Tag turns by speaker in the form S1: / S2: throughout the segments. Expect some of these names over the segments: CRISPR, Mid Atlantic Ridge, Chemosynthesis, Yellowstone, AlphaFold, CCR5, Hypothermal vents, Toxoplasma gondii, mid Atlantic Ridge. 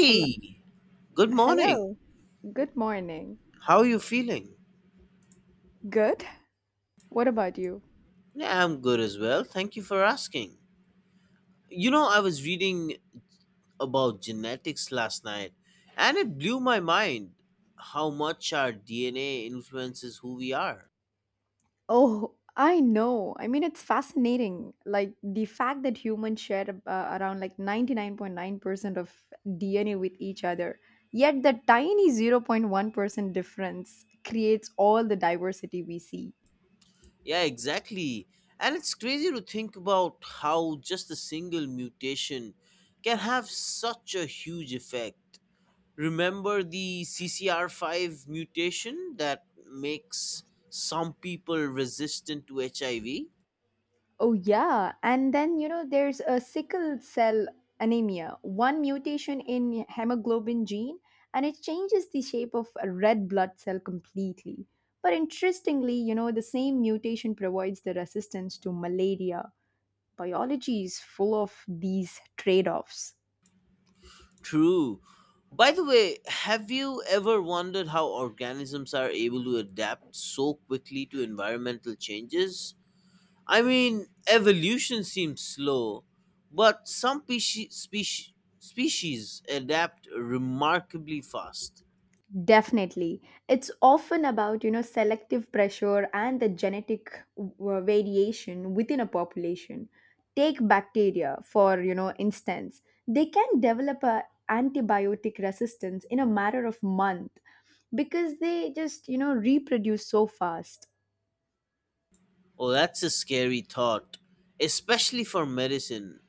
S1: Hello.
S2: good morning.
S1: Hello. Good morning.
S2: How are you feeling?
S1: Good. What about you?
S2: Yeah, I'm good as well. Thank you for asking. You know, I was reading about genetics last night and it blew my mind how much our DNA influences who we are.
S1: Oh, I know. It's fascinating. Like the fact that humans share around 99.9% of DNA with each other, yet the tiny 0.1% difference creates all the diversity we see.
S2: Yeah, exactly. And it's crazy to think about how just a single mutation can have such a huge effect. Remember the CCR5 mutation that makes some people resistant to HIV?
S1: Oh, yeah. And then, there's a sickle cell anemia, one mutation in hemoglobin gene, and it changes the shape of a red blood cell completely. But interestingly, the same mutation provides the resistance to malaria. Biology is full of these trade offs.
S2: True. By the way, have you ever wondered how organisms are able to adapt so quickly to environmental changes? I mean, evolution seems slow, but some species adapt remarkably fast.
S1: Definitely. It's often about, selective pressure and the genetic variation within a population. Take bacteria, for instance. They can develop a antibiotic resistance in a matter of month because they just, reproduce so fast.
S2: Oh, that's a scary thought, especially for medicine.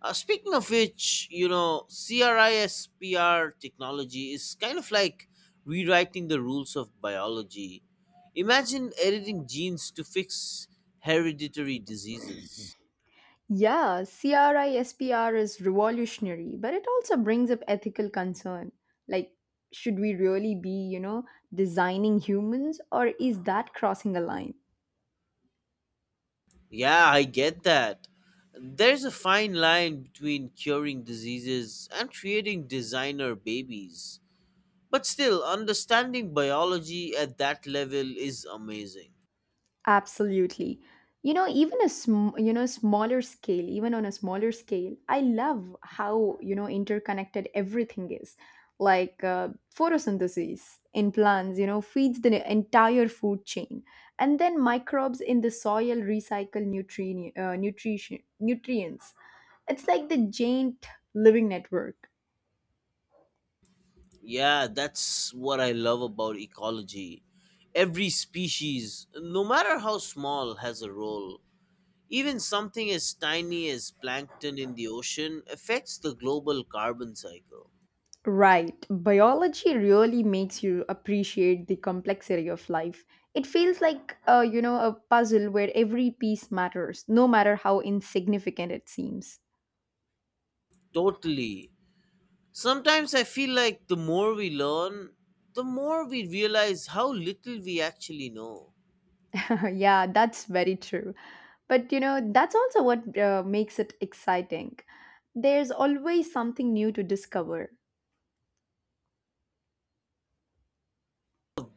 S2: Speaking of which, you know, CRISPR technology is kind of like rewriting the rules of biology. Imagine editing genes to fix hereditary diseases.
S1: Yeah, CRISPR is revolutionary, but it also brings up ethical concern. Like, should we really be, designing humans, or is that crossing a line?
S2: Yeah, I get that. There's a fine line between curing diseases and creating designer babies. But still, understanding biology at that level is amazing.
S1: Absolutely. You know, even a sm- you know smaller scale, I love how interconnected everything is. Like uh, Photosynthesis in plants, feeds the entire food chain, and then microbes in the soil recycle nutrients. It's like the giant living network.
S2: Yeah, that's what I love about ecology. Every species, no matter how small, has a role. Even something as tiny as plankton in the ocean affects the global carbon cycle.
S1: Right. Biology really makes you appreciate the complexity of life. It feels like, a puzzle where every piece matters, no matter how insignificant it seems.
S2: Totally. Sometimes I feel like the more we learn, the more we realize how little we actually know.
S1: Yeah, that's very true. But, that's also what makes it exciting. There's always something new to discover.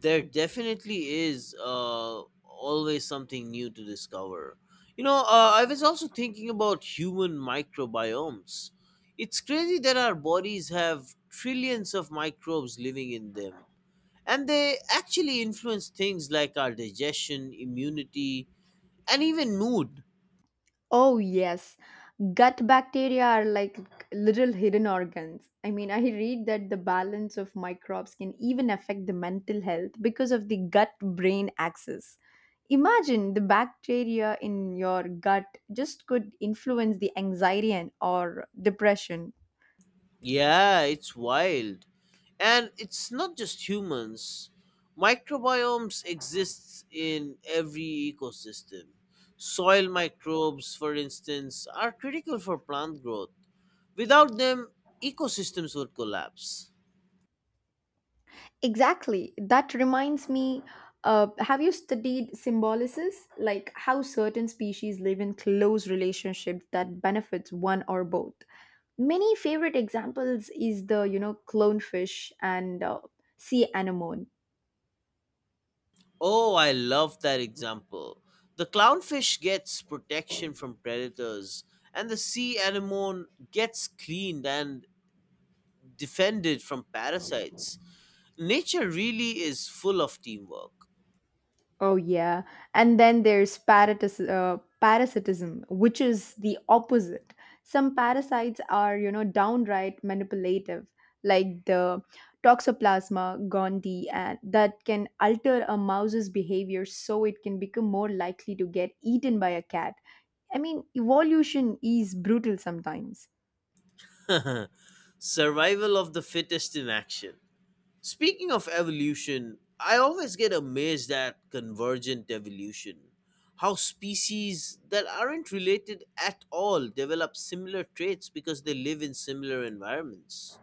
S2: There definitely is always something new to discover. You know, I was also thinking about human microbiomes. It's crazy that our bodies have trillions of microbes living in them, and they actually influence things like our digestion, immunity, and even mood.
S1: Oh, yes. Gut bacteria are like little hidden organs. I mean, I read that the balance of microbes can even affect the mental health because of the gut brain axis. Imagine the bacteria in your gut just could influence the anxiety and or depression.
S2: Yeah, it's wild. And it's not just humans. Microbiomes exists in every ecosystem. Soil microbes, for instance, are critical for plant growth. Without them, ecosystems would collapse.
S1: Exactly. That reminds me, have you studied symbiosis? Like how certain species live in close relationships that benefits one or both. Many favorite examples is the, clownfish and sea anemone.
S2: Oh, I love that example. The clownfish gets protection from predators, and the sea anemone gets cleaned and defended from parasites. Nature really is full of teamwork.
S1: Oh yeah, and then there's parasitism, which is the opposite. Some parasites are, downright manipulative, like the Toxoplasma gondii, and that can alter a mouse's behavior so it can become more likely to get eaten by a cat. I mean, evolution is brutal sometimes.
S2: Survival of the fittest in action. Speaking of evolution, I always get amazed at convergent evolution. How species that aren't related at all develop similar traits because they live in similar environments.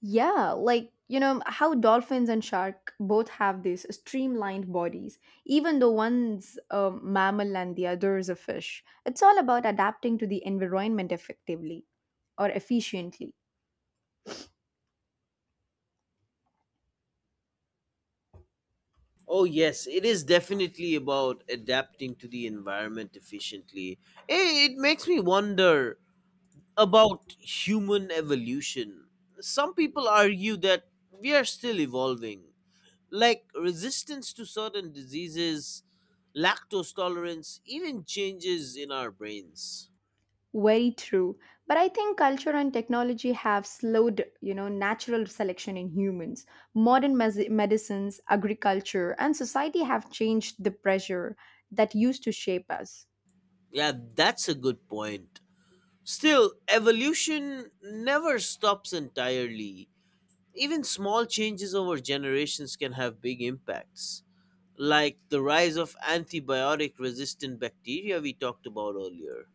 S1: Yeah, like, how dolphins and shark both have these streamlined bodies, even though one's a mammal and the other is a fish. It's all about adapting to the environment effectively or efficiently.
S2: Oh, yes, it is definitely about adapting to the environment efficiently. It makes me wonder about human evolution. Some people argue that we are still evolving, like resistance to certain diseases, lactose tolerance, even changes in our brains.
S1: Very true. But I think culture and technology have slowed, natural selection in humans. Medicines, agriculture, and society have changed the pressure that used to shape us.
S2: Yeah, that's a good point. Still, evolution never stops entirely. Even small changes over generations can have big impacts, like the rise of antibiotic resistant bacteria we talked about earlier.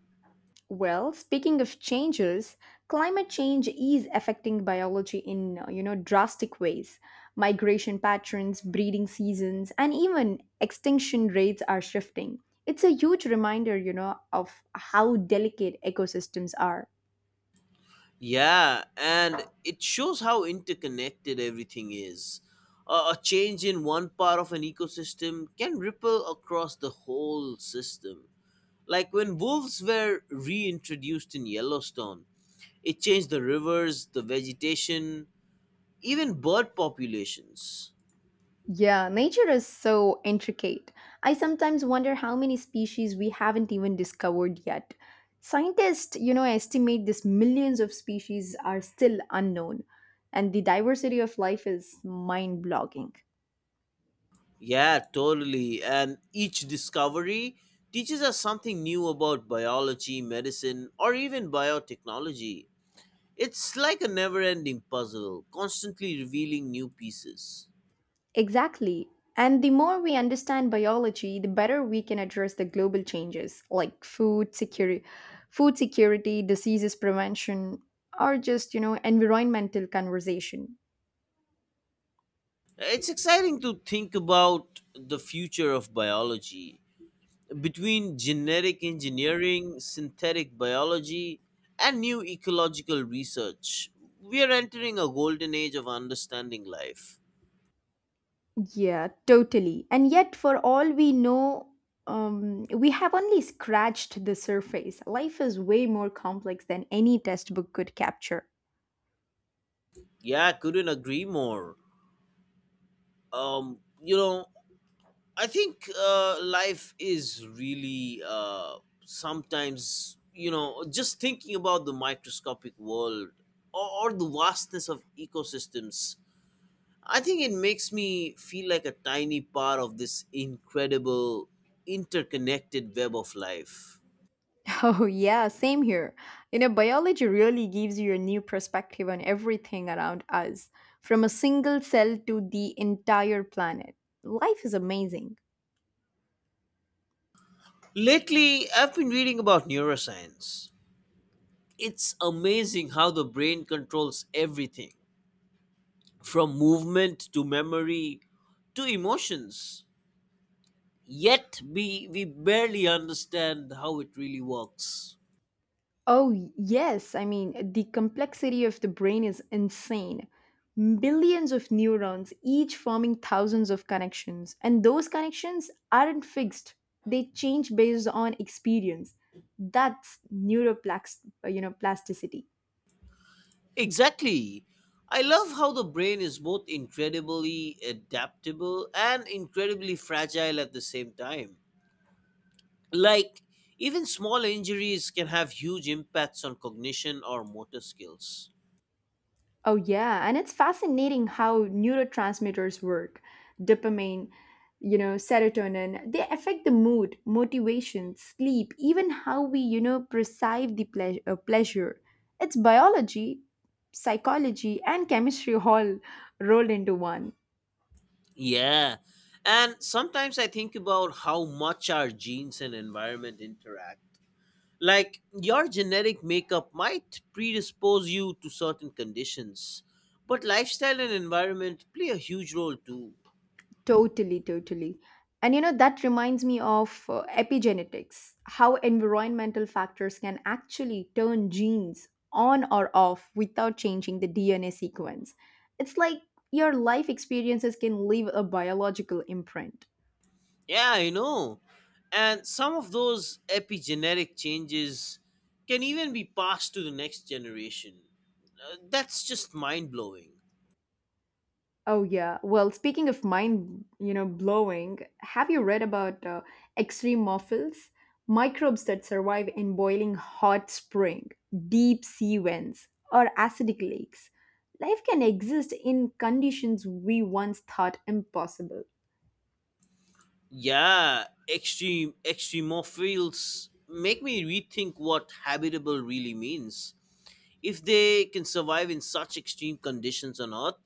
S1: Well, speaking of changes, climate change is affecting biology in drastic ways. Migration patterns, breeding seasons, and even extinction rates are shifting. It's a huge reminder, of how delicate ecosystems are.
S2: Yeah, and it shows how interconnected everything is. A change in one part of an ecosystem can ripple across the whole system. Like when wolves were reintroduced in Yellowstone, it changed the rivers, the vegetation, even bird populations.
S1: Yeah, nature is so intricate. I sometimes wonder how many species we haven't even discovered yet. Scientists, estimate this millions of species are still unknown, and the diversity of life is mind-blogging.
S2: Yeah, totally. And each discovery teaches us something new about biology, medicine, or even biotechnology. It's like a never ending puzzle, constantly revealing new pieces.
S1: Exactly. And the more we understand biology, the better we can address the global changes like food security, diseases prevention, or just, environmental conversation.
S2: It's exciting to think about the future of biology. Between genetic engineering, synthetic biology, and new ecological research, we are entering a golden age of understanding life.
S1: Yeah, totally. And yet, for all we know, we have only scratched the surface. Life is way more complex than any textbook could capture.
S2: Yeah, I couldn't agree more. You know, I think life is really sometimes, you know, just thinking about the microscopic world or the vastness of ecosystems. I think it makes me feel like a tiny part of this incredible interconnected web of life.
S1: Oh, yeah, same here. You know, biology really gives you a new perspective on everything around us, from a single cell to the entire planet. Life is amazing.
S2: Lately, I've been reading about neuroscience. It's amazing how the brain controls everything from movement to memory to emotions, yet we barely understand how it really works.
S1: Yes. I mean, the complexity of the brain is insane. Billions of neurons, each forming thousands of connections. And those connections aren't fixed, they change based on experience. That's neuroplasticity. You know, plasticity.
S2: Exactly. I love how the brain is both incredibly adaptable and incredibly fragile at the same time. Like, even small injuries can have huge impacts on cognition or motor skills.
S1: Oh, yeah. And it's fascinating how neurotransmitters work. Dopamine, serotonin, they affect the mood, motivation, sleep, even how we, perceive the pleasure. It's biology, psychology, and chemistry all rolled into one.
S2: Yeah, and sometimes I think about how much our genes and environment interact. Like, your genetic makeup might predispose you to certain conditions, but lifestyle and environment play a huge role too.
S1: Totally. And you know, that reminds me of epigenetics, how environmental factors can actually turn genes on or off without changing the DNA sequence. It's like your life experiences can leave a biological imprint.
S2: Yeah, I know. And some of those epigenetic changes can even be passed to the next generation. That's just mind blowing.
S1: Oh yeah. Well, speaking of mind, blowing, have you read about extremophils, microbes that survive in boiling hot spring, deep sea vents, or acidic lakes? Life can exist in conditions we once thought impossible.
S2: Yeah, extreme extremophiles make me rethink what habitable really means. If they can survive in such extreme conditions on Earth,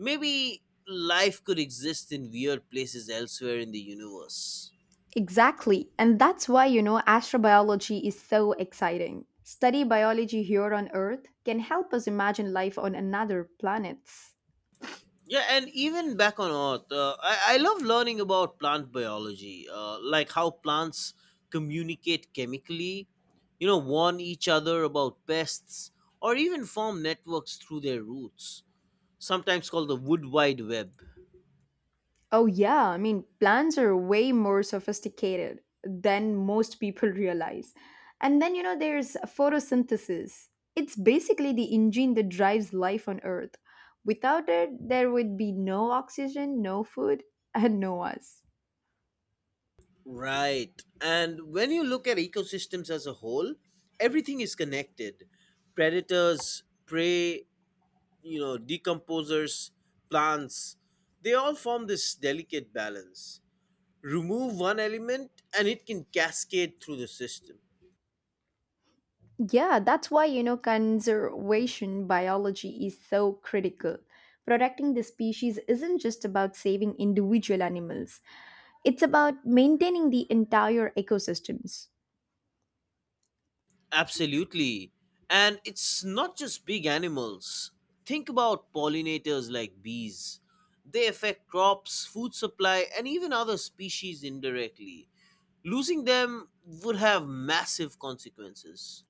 S2: maybe life could exist in weird places elsewhere in the universe.
S1: Exactly. And that's why, astrobiology is so exciting. Study biology here on Earth can help us imagine life on another planets.
S2: Yeah, and even back on Earth, I love learning about plant biology, like how plants communicate chemically, you know, warn each other about pests, or even form networks through their roots, sometimes called the wood wide web.
S1: Oh, yeah. I mean, plans are way more sophisticated than most people realize. And then, there's photosynthesis. It's basically the engine that drives life on Earth. Without it, there would be no oxygen, no food, and no us.
S2: Right. And when you look at ecosystems as a whole, everything is connected. Predators, prey, you know, decomposers, plants, they all form this delicate balance. Remove one element and it can cascade through the system.
S1: Yeah, that's why, conservation biology is so critical. Protecting the species isn't just about saving individual animals, it's about maintaining the entire ecosystems.
S2: Absolutely. And it's not just big animals. Think about pollinators like bees. They affect crops, food supply, and even other species indirectly. Losing them would have massive consequences.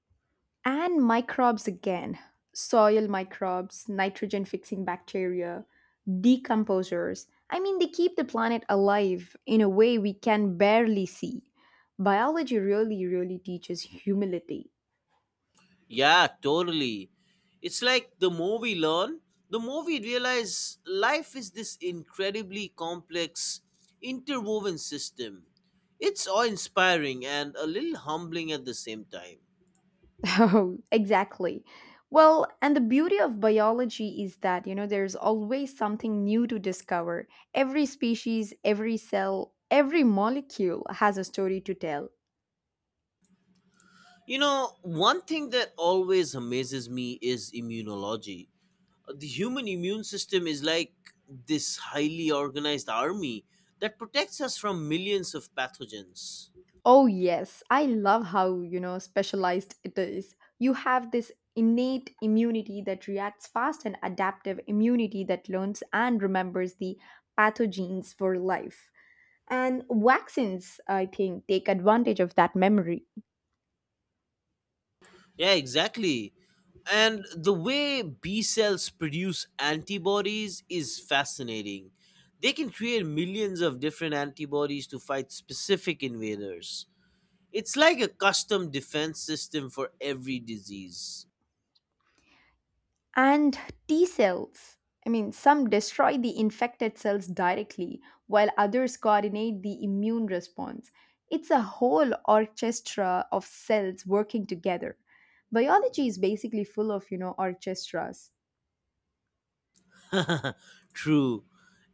S1: And microbes again, soil microbes, nitrogen fixing bacteria, decomposers. I mean, they keep the planet alive in a way we can barely see. Biology really teaches humility.
S2: Yeah, totally. It's like the more we learn, the more we realize life is this incredibly complex, interwoven system. It's awe inspiring and a little humbling at the same time.
S1: Oh, exactly. Well, and the beauty of biology is that, there's always something new to discover. Every species, every cell, every molecule has a story to tell.
S2: You know, one thing that always amazes me is immunology. The human immune system is like this highly organized army that protects us from millions of pathogens.
S1: Oh, yes. I love how, specialized it is. You have this innate immunity that reacts fast and adaptive immunity that learns and remembers the pathogens for life. And vaccines, I think, take advantage of that memory.
S2: Yeah, exactly. And the way B cells produce antibodies is fascinating. They can create millions of different antibodies to fight specific invaders. It's like a custom defense system for every disease.
S1: And T cells, I mean, some destroy the infected cells directly, while others coordinate the immune response. It's a whole orchestra of cells working together. Biology is basically full of, orchestras.
S2: True.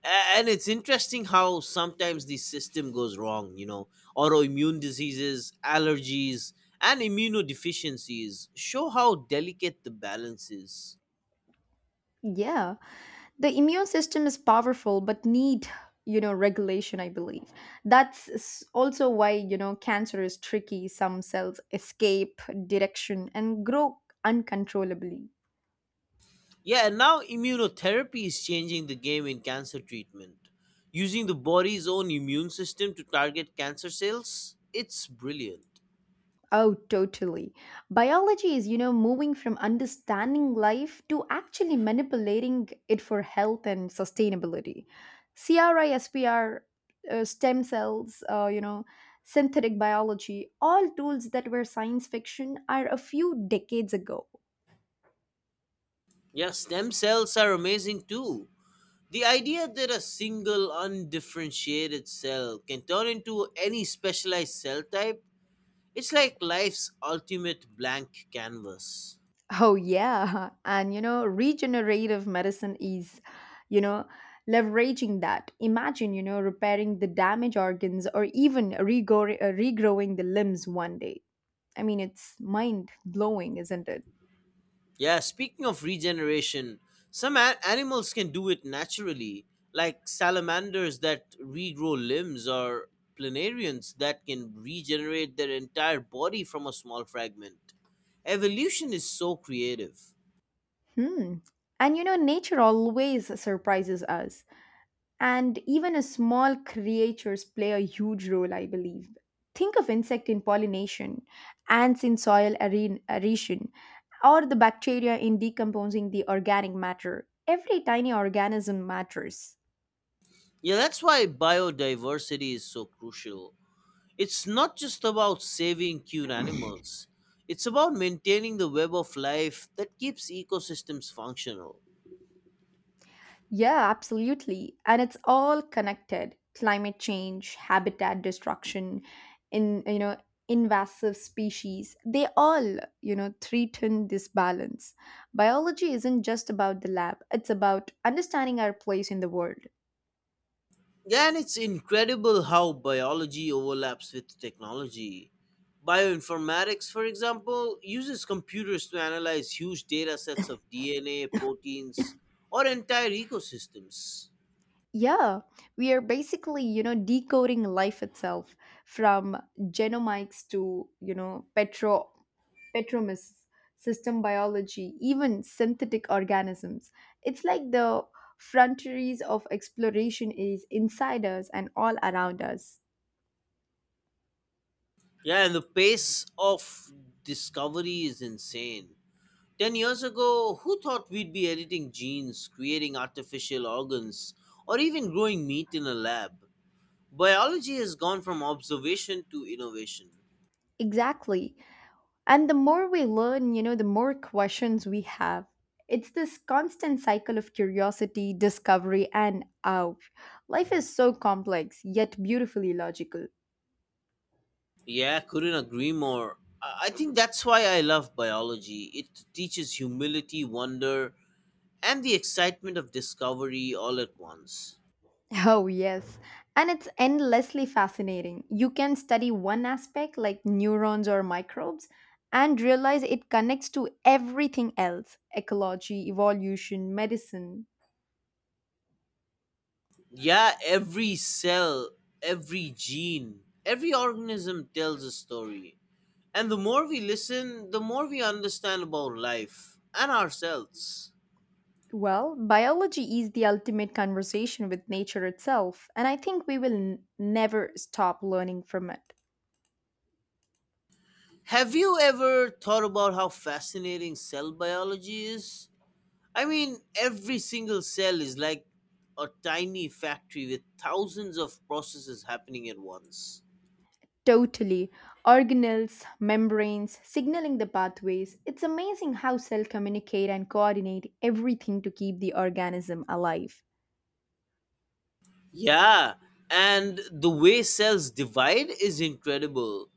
S2: And it's interesting how sometimes the system goes wrong, you know. Autoimmune diseases, allergies, and immunodeficiencies show how delicate the balance is.
S1: Yeah, the immune system is powerful but need, regulation, I believe. Also why, cancer is tricky. Some cells escape direction and grow uncontrollably.
S2: Yeah, and now immunotherapy is changing the game in cancer treatment. Using the body's own immune system to target cancer cells, it's brilliant.
S1: Oh, totally. Biology is, moving from understanding life to actually manipulating it for health and sustainability. CRISPR, stem cells, synthetic biology, all tools that were science fiction are a few decades ago.
S2: Yeah, stem cells are amazing too. The idea that a single undifferentiated cell can turn into any specialized cell type, it's like life's ultimate blank canvas.
S1: Oh, yeah. And, regenerative medicine is, you know, leveraging that. Imagine, repairing the damaged organs or even regrowing the limbs one day. I mean, it's mind blowing, isn't it?
S2: Yeah, speaking of regeneration, some animals can do it naturally, like salamanders that regrow limbs or planarians that can regenerate their entire body from a small fragment. Evolution is so creative.
S1: Hmm. And you know, nature always surprises us. And even a small creatures play a huge role, I believe. Think of insect in pollination, ants in soil aeration, or the bacteria in decomposing the organic matter. Every tiny organism matters.
S2: Yeah, that's why biodiversity is so crucial. It's not just about saving cute animals, it's about maintaining the web of life that keeps ecosystems functional.
S1: Yeah, absolutely. And it's all connected. Climate change, habitat destruction, in you know, invasive species. They all, threaten this balance. Biology isn't just about the lab, it's about understanding our place in the world.
S2: Yeah, and it's incredible how biology overlaps with technology. Bioinformatics, for example, uses computers to analyze huge data sets of DNA, proteins, or entire ecosystems.
S1: Yeah, we are basically, decoding life itself from genomics to, petromice, system biology, even synthetic organisms. It's like the frontiers of exploration is inside us and all around us.
S2: Yeah, and the pace of discovery is insane. 10 years ago, who thought we'd be editing genes, creating artificial organs, or even growing meat in a lab? Biology has gone from observation to innovation.
S1: Exactly. And the more we learn, the more questions we have. It's this constant cycle of curiosity, discovery, and awe. Life is so complex, yet beautifully logical.
S2: Yeah, couldn't agree more. I think that's why I love biology. It teaches humility, wonder, and the excitement of discovery all at once.
S1: Oh, yes. And it's endlessly fascinating. You can study one aspect, like neurons or microbes, and realize it connects to everything else ecology, evolution, medicine.
S2: Yeah, every cell, every gene, every organism tells a story. And the more we listen, the more we understand about life and ourselves.
S1: Well, biology is the ultimate conversation with nature itself, and I think we will never stop learning from it.
S2: Have you ever thought about how fascinating cell biology is? I mean, every single cell is like a tiny factory with thousands of processes happening at once.
S1: Totally. Organelles, membranes, signaling the pathways. It's amazing how cells communicate and coordinate everything to keep the organism alive.
S2: Yeah, and the way cells divide is incredible.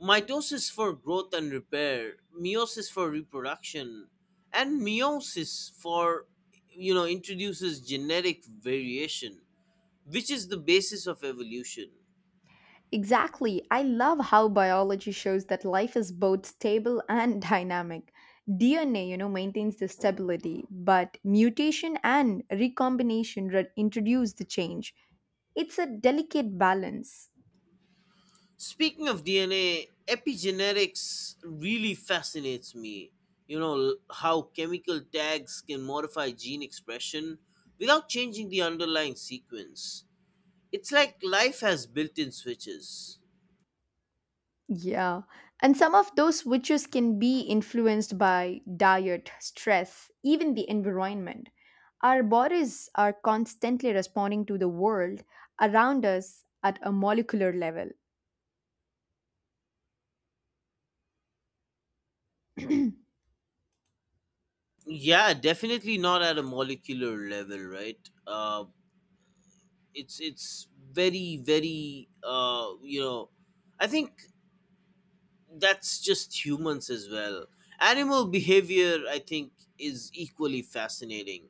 S2: Mitosis for growth and repair, meiosis for reproduction, and meiosis for, you know, introduces genetic variation, which is the basis of evolution.
S1: Exactly. I love how biology shows that life is both stable and dynamic. DNA, you know, maintains the stability, but mutation and recombination introduce the change. It's a delicate balance.
S2: Speaking of DNA, epigenetics really fascinates me. You know, how chemical tags can modify gene expression without changing the underlying sequence. It's like life has built in switches.
S1: Yeah. And some of those switches can be influenced by diet, stress, even the environment. Our bodies are constantly responding to the world around us at a molecular level.
S2: Yeah, definitely not at a molecular level, right? It's very very, you know, I think that's just humans as well. Animal behavior, I think, is equally fascinating.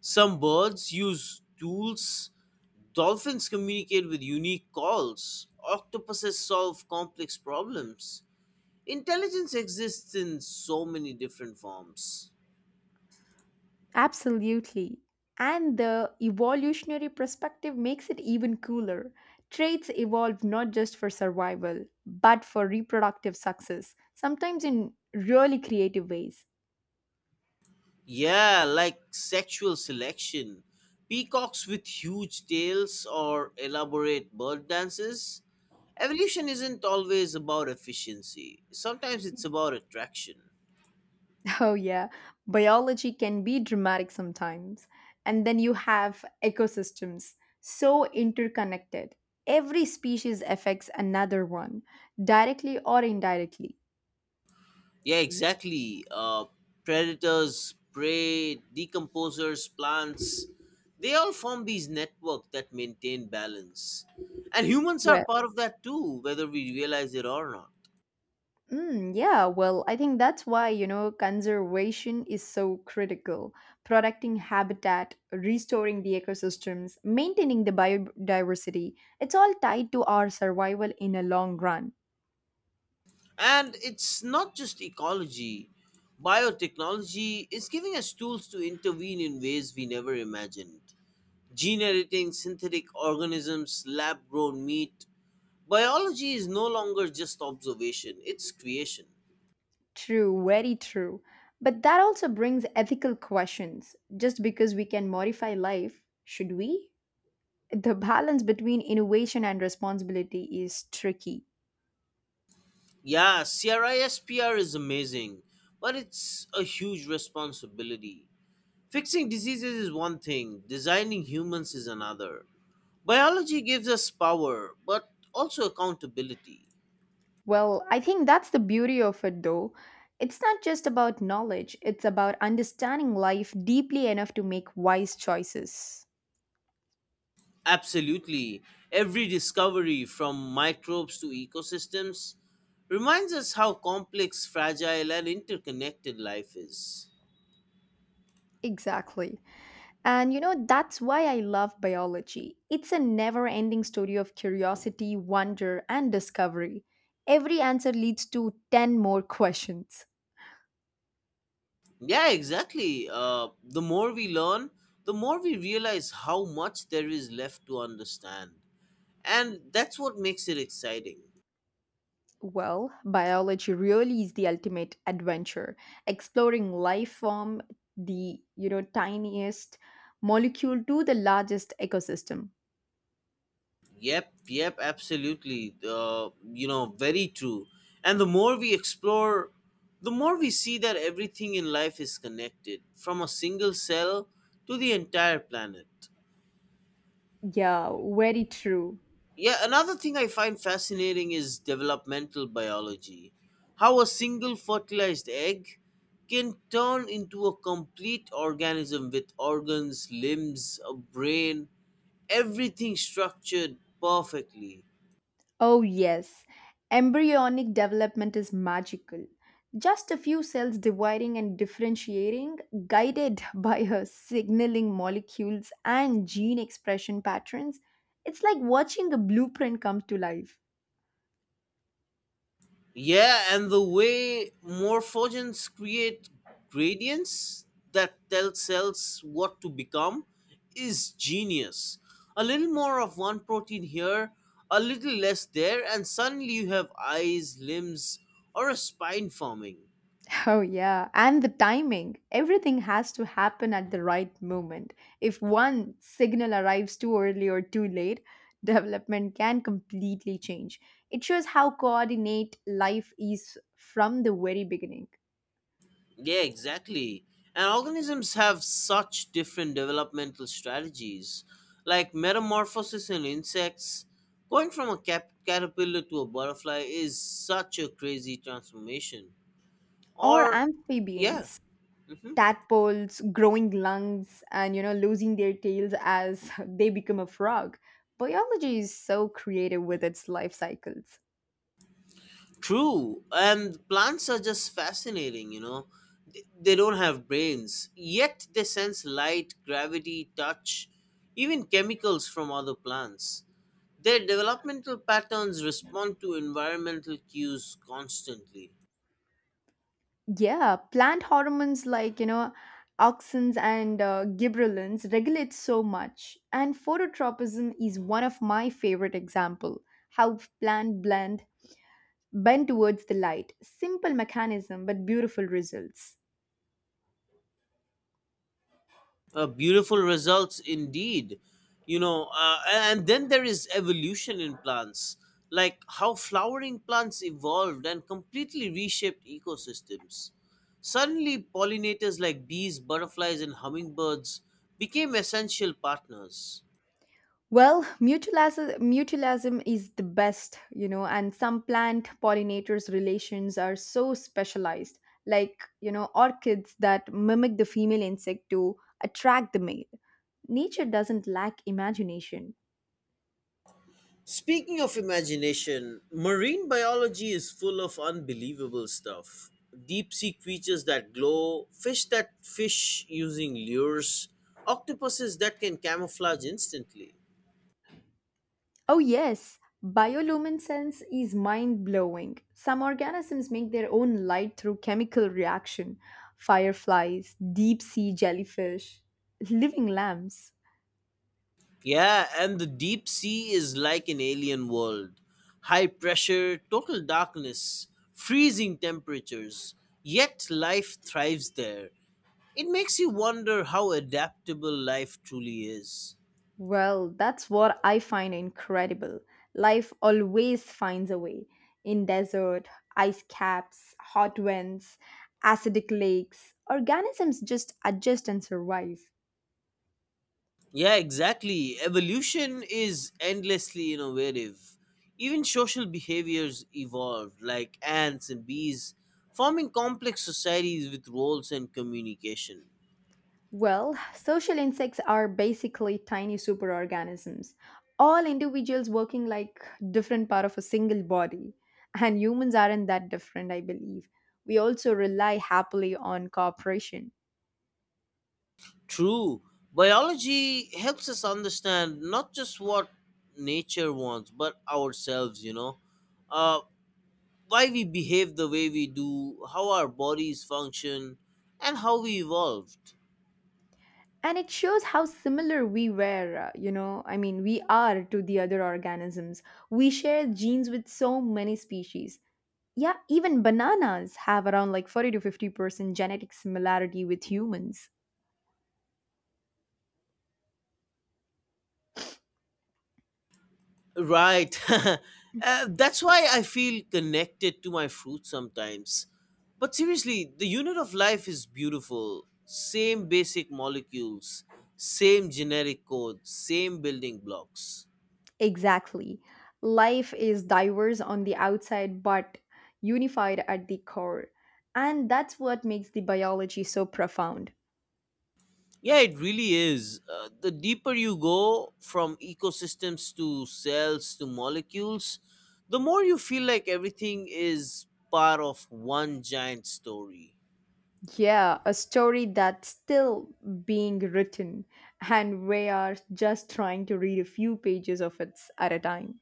S2: Some birds use tools. Dolphins communicate with unique calls. Octopuses solve complex problems. Intelligence exists in so many different forms.
S1: Absolutely. And the evolutionary perspective makes it even cooler. Traits evolve not just for survival, but for reproductive success, sometimes in really creative ways.
S2: Yeah, like sexual selection. Peacocks with huge tails or elaborate bird dances. Evolution isn't always about efficiency, sometimes it's about attraction.
S1: Oh, yeah, biology can be dramatic sometimes. And then you have ecosystems, so interconnected. Every species affects another one, directly or indirectly.
S2: Yeah, exactly. Predators, prey, decomposers, plants, they all form these networks that maintain balance. And humans are
S1: Well.
S2: part of that too, whether we realize it or not.
S1: Mm, yeah, well, I think that's why, conservation is so critical. Protecting habitat, restoring the ecosystems, maintaining the biodiversity, it's all tied to our survival in a long run.
S2: And it's not just ecology. Biotechnology is giving us tools to intervene in ways we never imagined. Gene editing, synthetic organisms, lab grown meat. Biology is no longer just observation, it's creation.
S1: True, very true. But that also brings ethical questions. Just because we can modify life, should we? The balance between innovation and responsibility is tricky.
S2: Yeah, CRISPR is amazing, but it's a huge responsibility. Fixing diseases is one thing, designing humans is another. Biology gives us power, but also accountability.
S1: Well, I think that's the beauty of it though. It's not just about knowledge, it's about understanding life deeply enough to make wise choices.
S2: Absolutely. Every discovery, from microbes to ecosystems, reminds us how complex, fragile, and interconnected life is.
S1: Exactly. And you know, that's why I love biology. It's a never ending story of curiosity, wonder, and discovery. Every answer leads to 10 more questions.
S2: Yeah, exactly. The more we learn, the more we realize how much there is left to understand. And that's what makes it exciting.
S1: Well, biology really is the ultimate adventure, exploring life from the tiniest molecule to the largest ecosystem.
S2: Yep, yep, absolutely. You know, very true. And the more we explore, the more we see that everything in life is connected, from a single cell to the entire planet.
S1: Yeah, very true.
S2: Yeah, another thing I find fascinating is developmental biology. How a single fertilized egg can turn into a complete organism with organs, limbs, a brain, everything structured perfectly.
S1: Oh yes, embryonic development is magical. Just a few cells dividing and differentiating, guided by her signaling molecules and gene expression patterns. It's like watching a blueprint come to life.
S2: Yeah, and the way morphogens create gradients that tell cells what to become is genius. A little more of one protein here, a little less there, and suddenly you have eyes, limbs, or a spine forming.
S1: Oh, yeah. And the timing. Everything has to happen at the right moment. If one signal arrives too early or too late, development can completely change. It shows how coordinate life is from the very beginning.
S2: Yeah, exactly. And organisms have such different developmental strategies, like metamorphosis in insects. Going from a caterpillar to a butterfly is such a crazy transformation.
S1: Or
S2: Or, yeah.
S1: amphibians,
S2: Mhm.
S1: tadpoles growing lungs and, you know, losing their tails as they become a frog. Biology is so creative with its life cycles.
S2: True, and plants are just fascinating, you know. They don't have brains, yet they sense light, gravity, touch, even chemicals from other plants. Their developmental patterns respond to environmental cues constantly.
S1: Yeah, plant hormones like, you know, auxins and gibberellins regulate so much. And phototropism is one of my favorite example. How plant blend bend towards the light. Simple mechanism but beautiful results.
S2: Beautiful results indeed. You know, and then there is evolution in plants, like how flowering plants evolved and completely reshaped ecosystems. Suddenly, pollinators like bees, butterflies, and hummingbirds became essential partners.
S1: Well, mutualism is the best, you know, and some plant pollinators relations are so specialized, like, you know, orchids that mimic the female insect to attract the male. Nature doesn't lack imagination.
S2: Speaking of imagination, marine biology is full of unbelievable stuff. Deep sea creatures that glow, fish that fish using lures, octopuses that can camouflage instantly.
S1: Oh, yes, bioluminescence is mind blowing. Some organisms make their own light through chemical reaction. Fireflies, deep sea jellyfish, living lamps.
S2: Yeah, and the deep sea is like an alien world. High pressure, total darkness, freezing temperatures, yet life thrives there. It makes you wonder how adaptable life truly is.
S1: Well, that's what I find incredible. Life always finds a way. In desert, ice caps, hot winds, acidic lakes, organisms just adjust and survive.
S2: Yeah, exactly. Evolution is endlessly innovative. Even social behaviors evolved, like ants and bees, forming complex societies with roles and communication.
S1: Well, social insects are basically tiny superorganisms, all individuals working like different part of a single body. And humans aren't that different, I believe. We also rely happily on cooperation.
S2: True, biology helps us understand not just what nature wants, but ourselves, you know. Uh, why we behave the way we do, how our bodies function, and how we evolved.
S1: And it shows how similar we were, you know, I mean, we are to the other organisms. We share genes with so many species. Yeah, even bananas have around like 40 to 50% genetic similarity with humans.
S2: Right. That's why I feel connected to my fruit sometimes. But seriously, the unit of life is beautiful. Same basic molecules, same generic code, same building blocks.
S1: Exactly. Life is diverse on the outside but unified at the core. And that's what makes the biology so profound.
S2: Yeah, it really is. The deeper you go from ecosystems to cells to molecules, the more you feel like everything is part of one giant story.
S1: Yeah, a story that's still being written, and we are just trying to read a few pages of it at a time.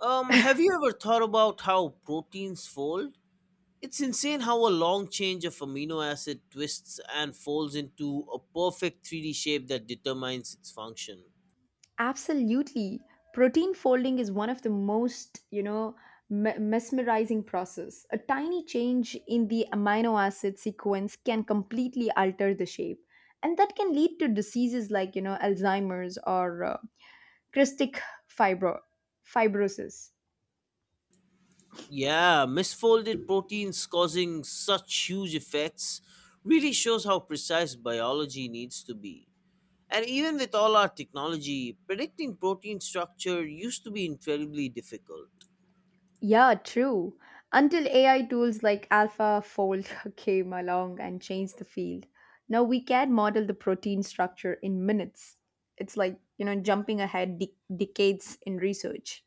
S2: Have you ever thought about how proteins fold? It's insane how a long change of amino acid twists and folds into a perfect 3D shape that determines its function.
S1: Absolutely. Protein folding is one of the most, you know, mesmerizing process. A tiny change in the amino acid sequence can completely alter the shape, and that can lead to diseases like, you know, Alzheimer's or cystic fibro- fibrosis.
S2: Yeah, misfolded proteins causing such huge effects really shows how precise biology needs to be. And even with all our technology, predicting protein structure used to be incredibly difficult.
S1: Yeah, true. Until AI tools like AlphaFold came along and changed the field. Now we can model the protein structure in minutes. It's like, you know, jumping ahead decades in research.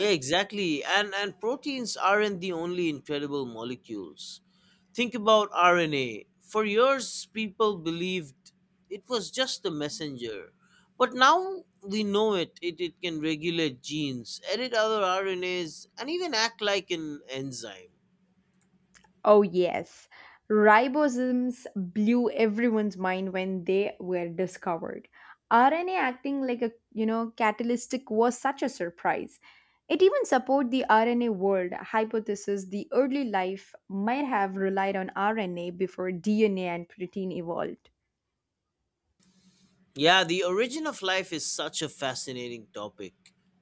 S2: Yeah, exactly. And proteins aren't the only incredible molecules. Think about RNA. For years people believed it was just a messenger. But now we know it. It can regulate genes, edit other RNAs, and even act like an enzyme.
S1: Oh, yes. Ribosomes blew everyone's mind when they were discovered. RNA acting like a, you know, catalytic was such a surprise. It even supported the RNA world hypothesis the early life might have relied on RNA before DNA and protein evolved.
S2: Yeah, the origin of life is such a fascinating topic.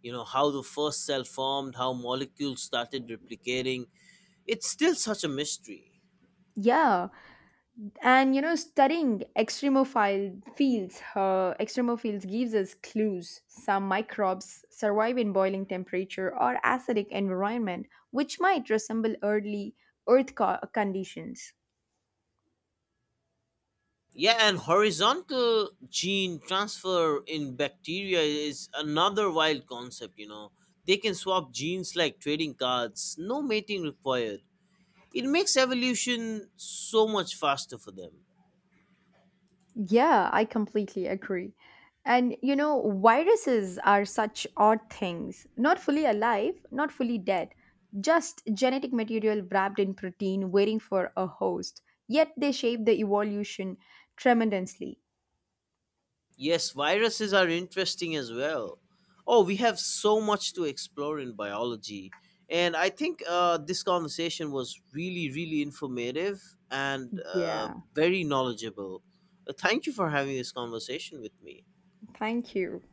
S2: You know, how the first cell formed, how molecules started replicating. It's still such a mystery.
S1: Yeah, and you know, studying extremophiles gives us clues. Some microbes survive in boiling temperature or acidic environment, which might resemble early Earth conditions.
S2: Yeah, and horizontal gene transfer in bacteria is another wild concept, you know. They can swap genes like trading cards, no mating required. It makes evolution so much faster for them.
S1: Yeah, I completely agree. And you know, viruses are such odd things. Not fully alive, not fully dead, just genetic material wrapped in protein, waiting for a host. Yet they shape the evolution tremendously.
S2: Yes, viruses are interesting as well. Oh, we have so much to explore in biology. And I think this conversation was really, really informative and
S1: Yeah.
S2: very knowledgeable. Thank you for having this conversation with me.
S1: Thank you.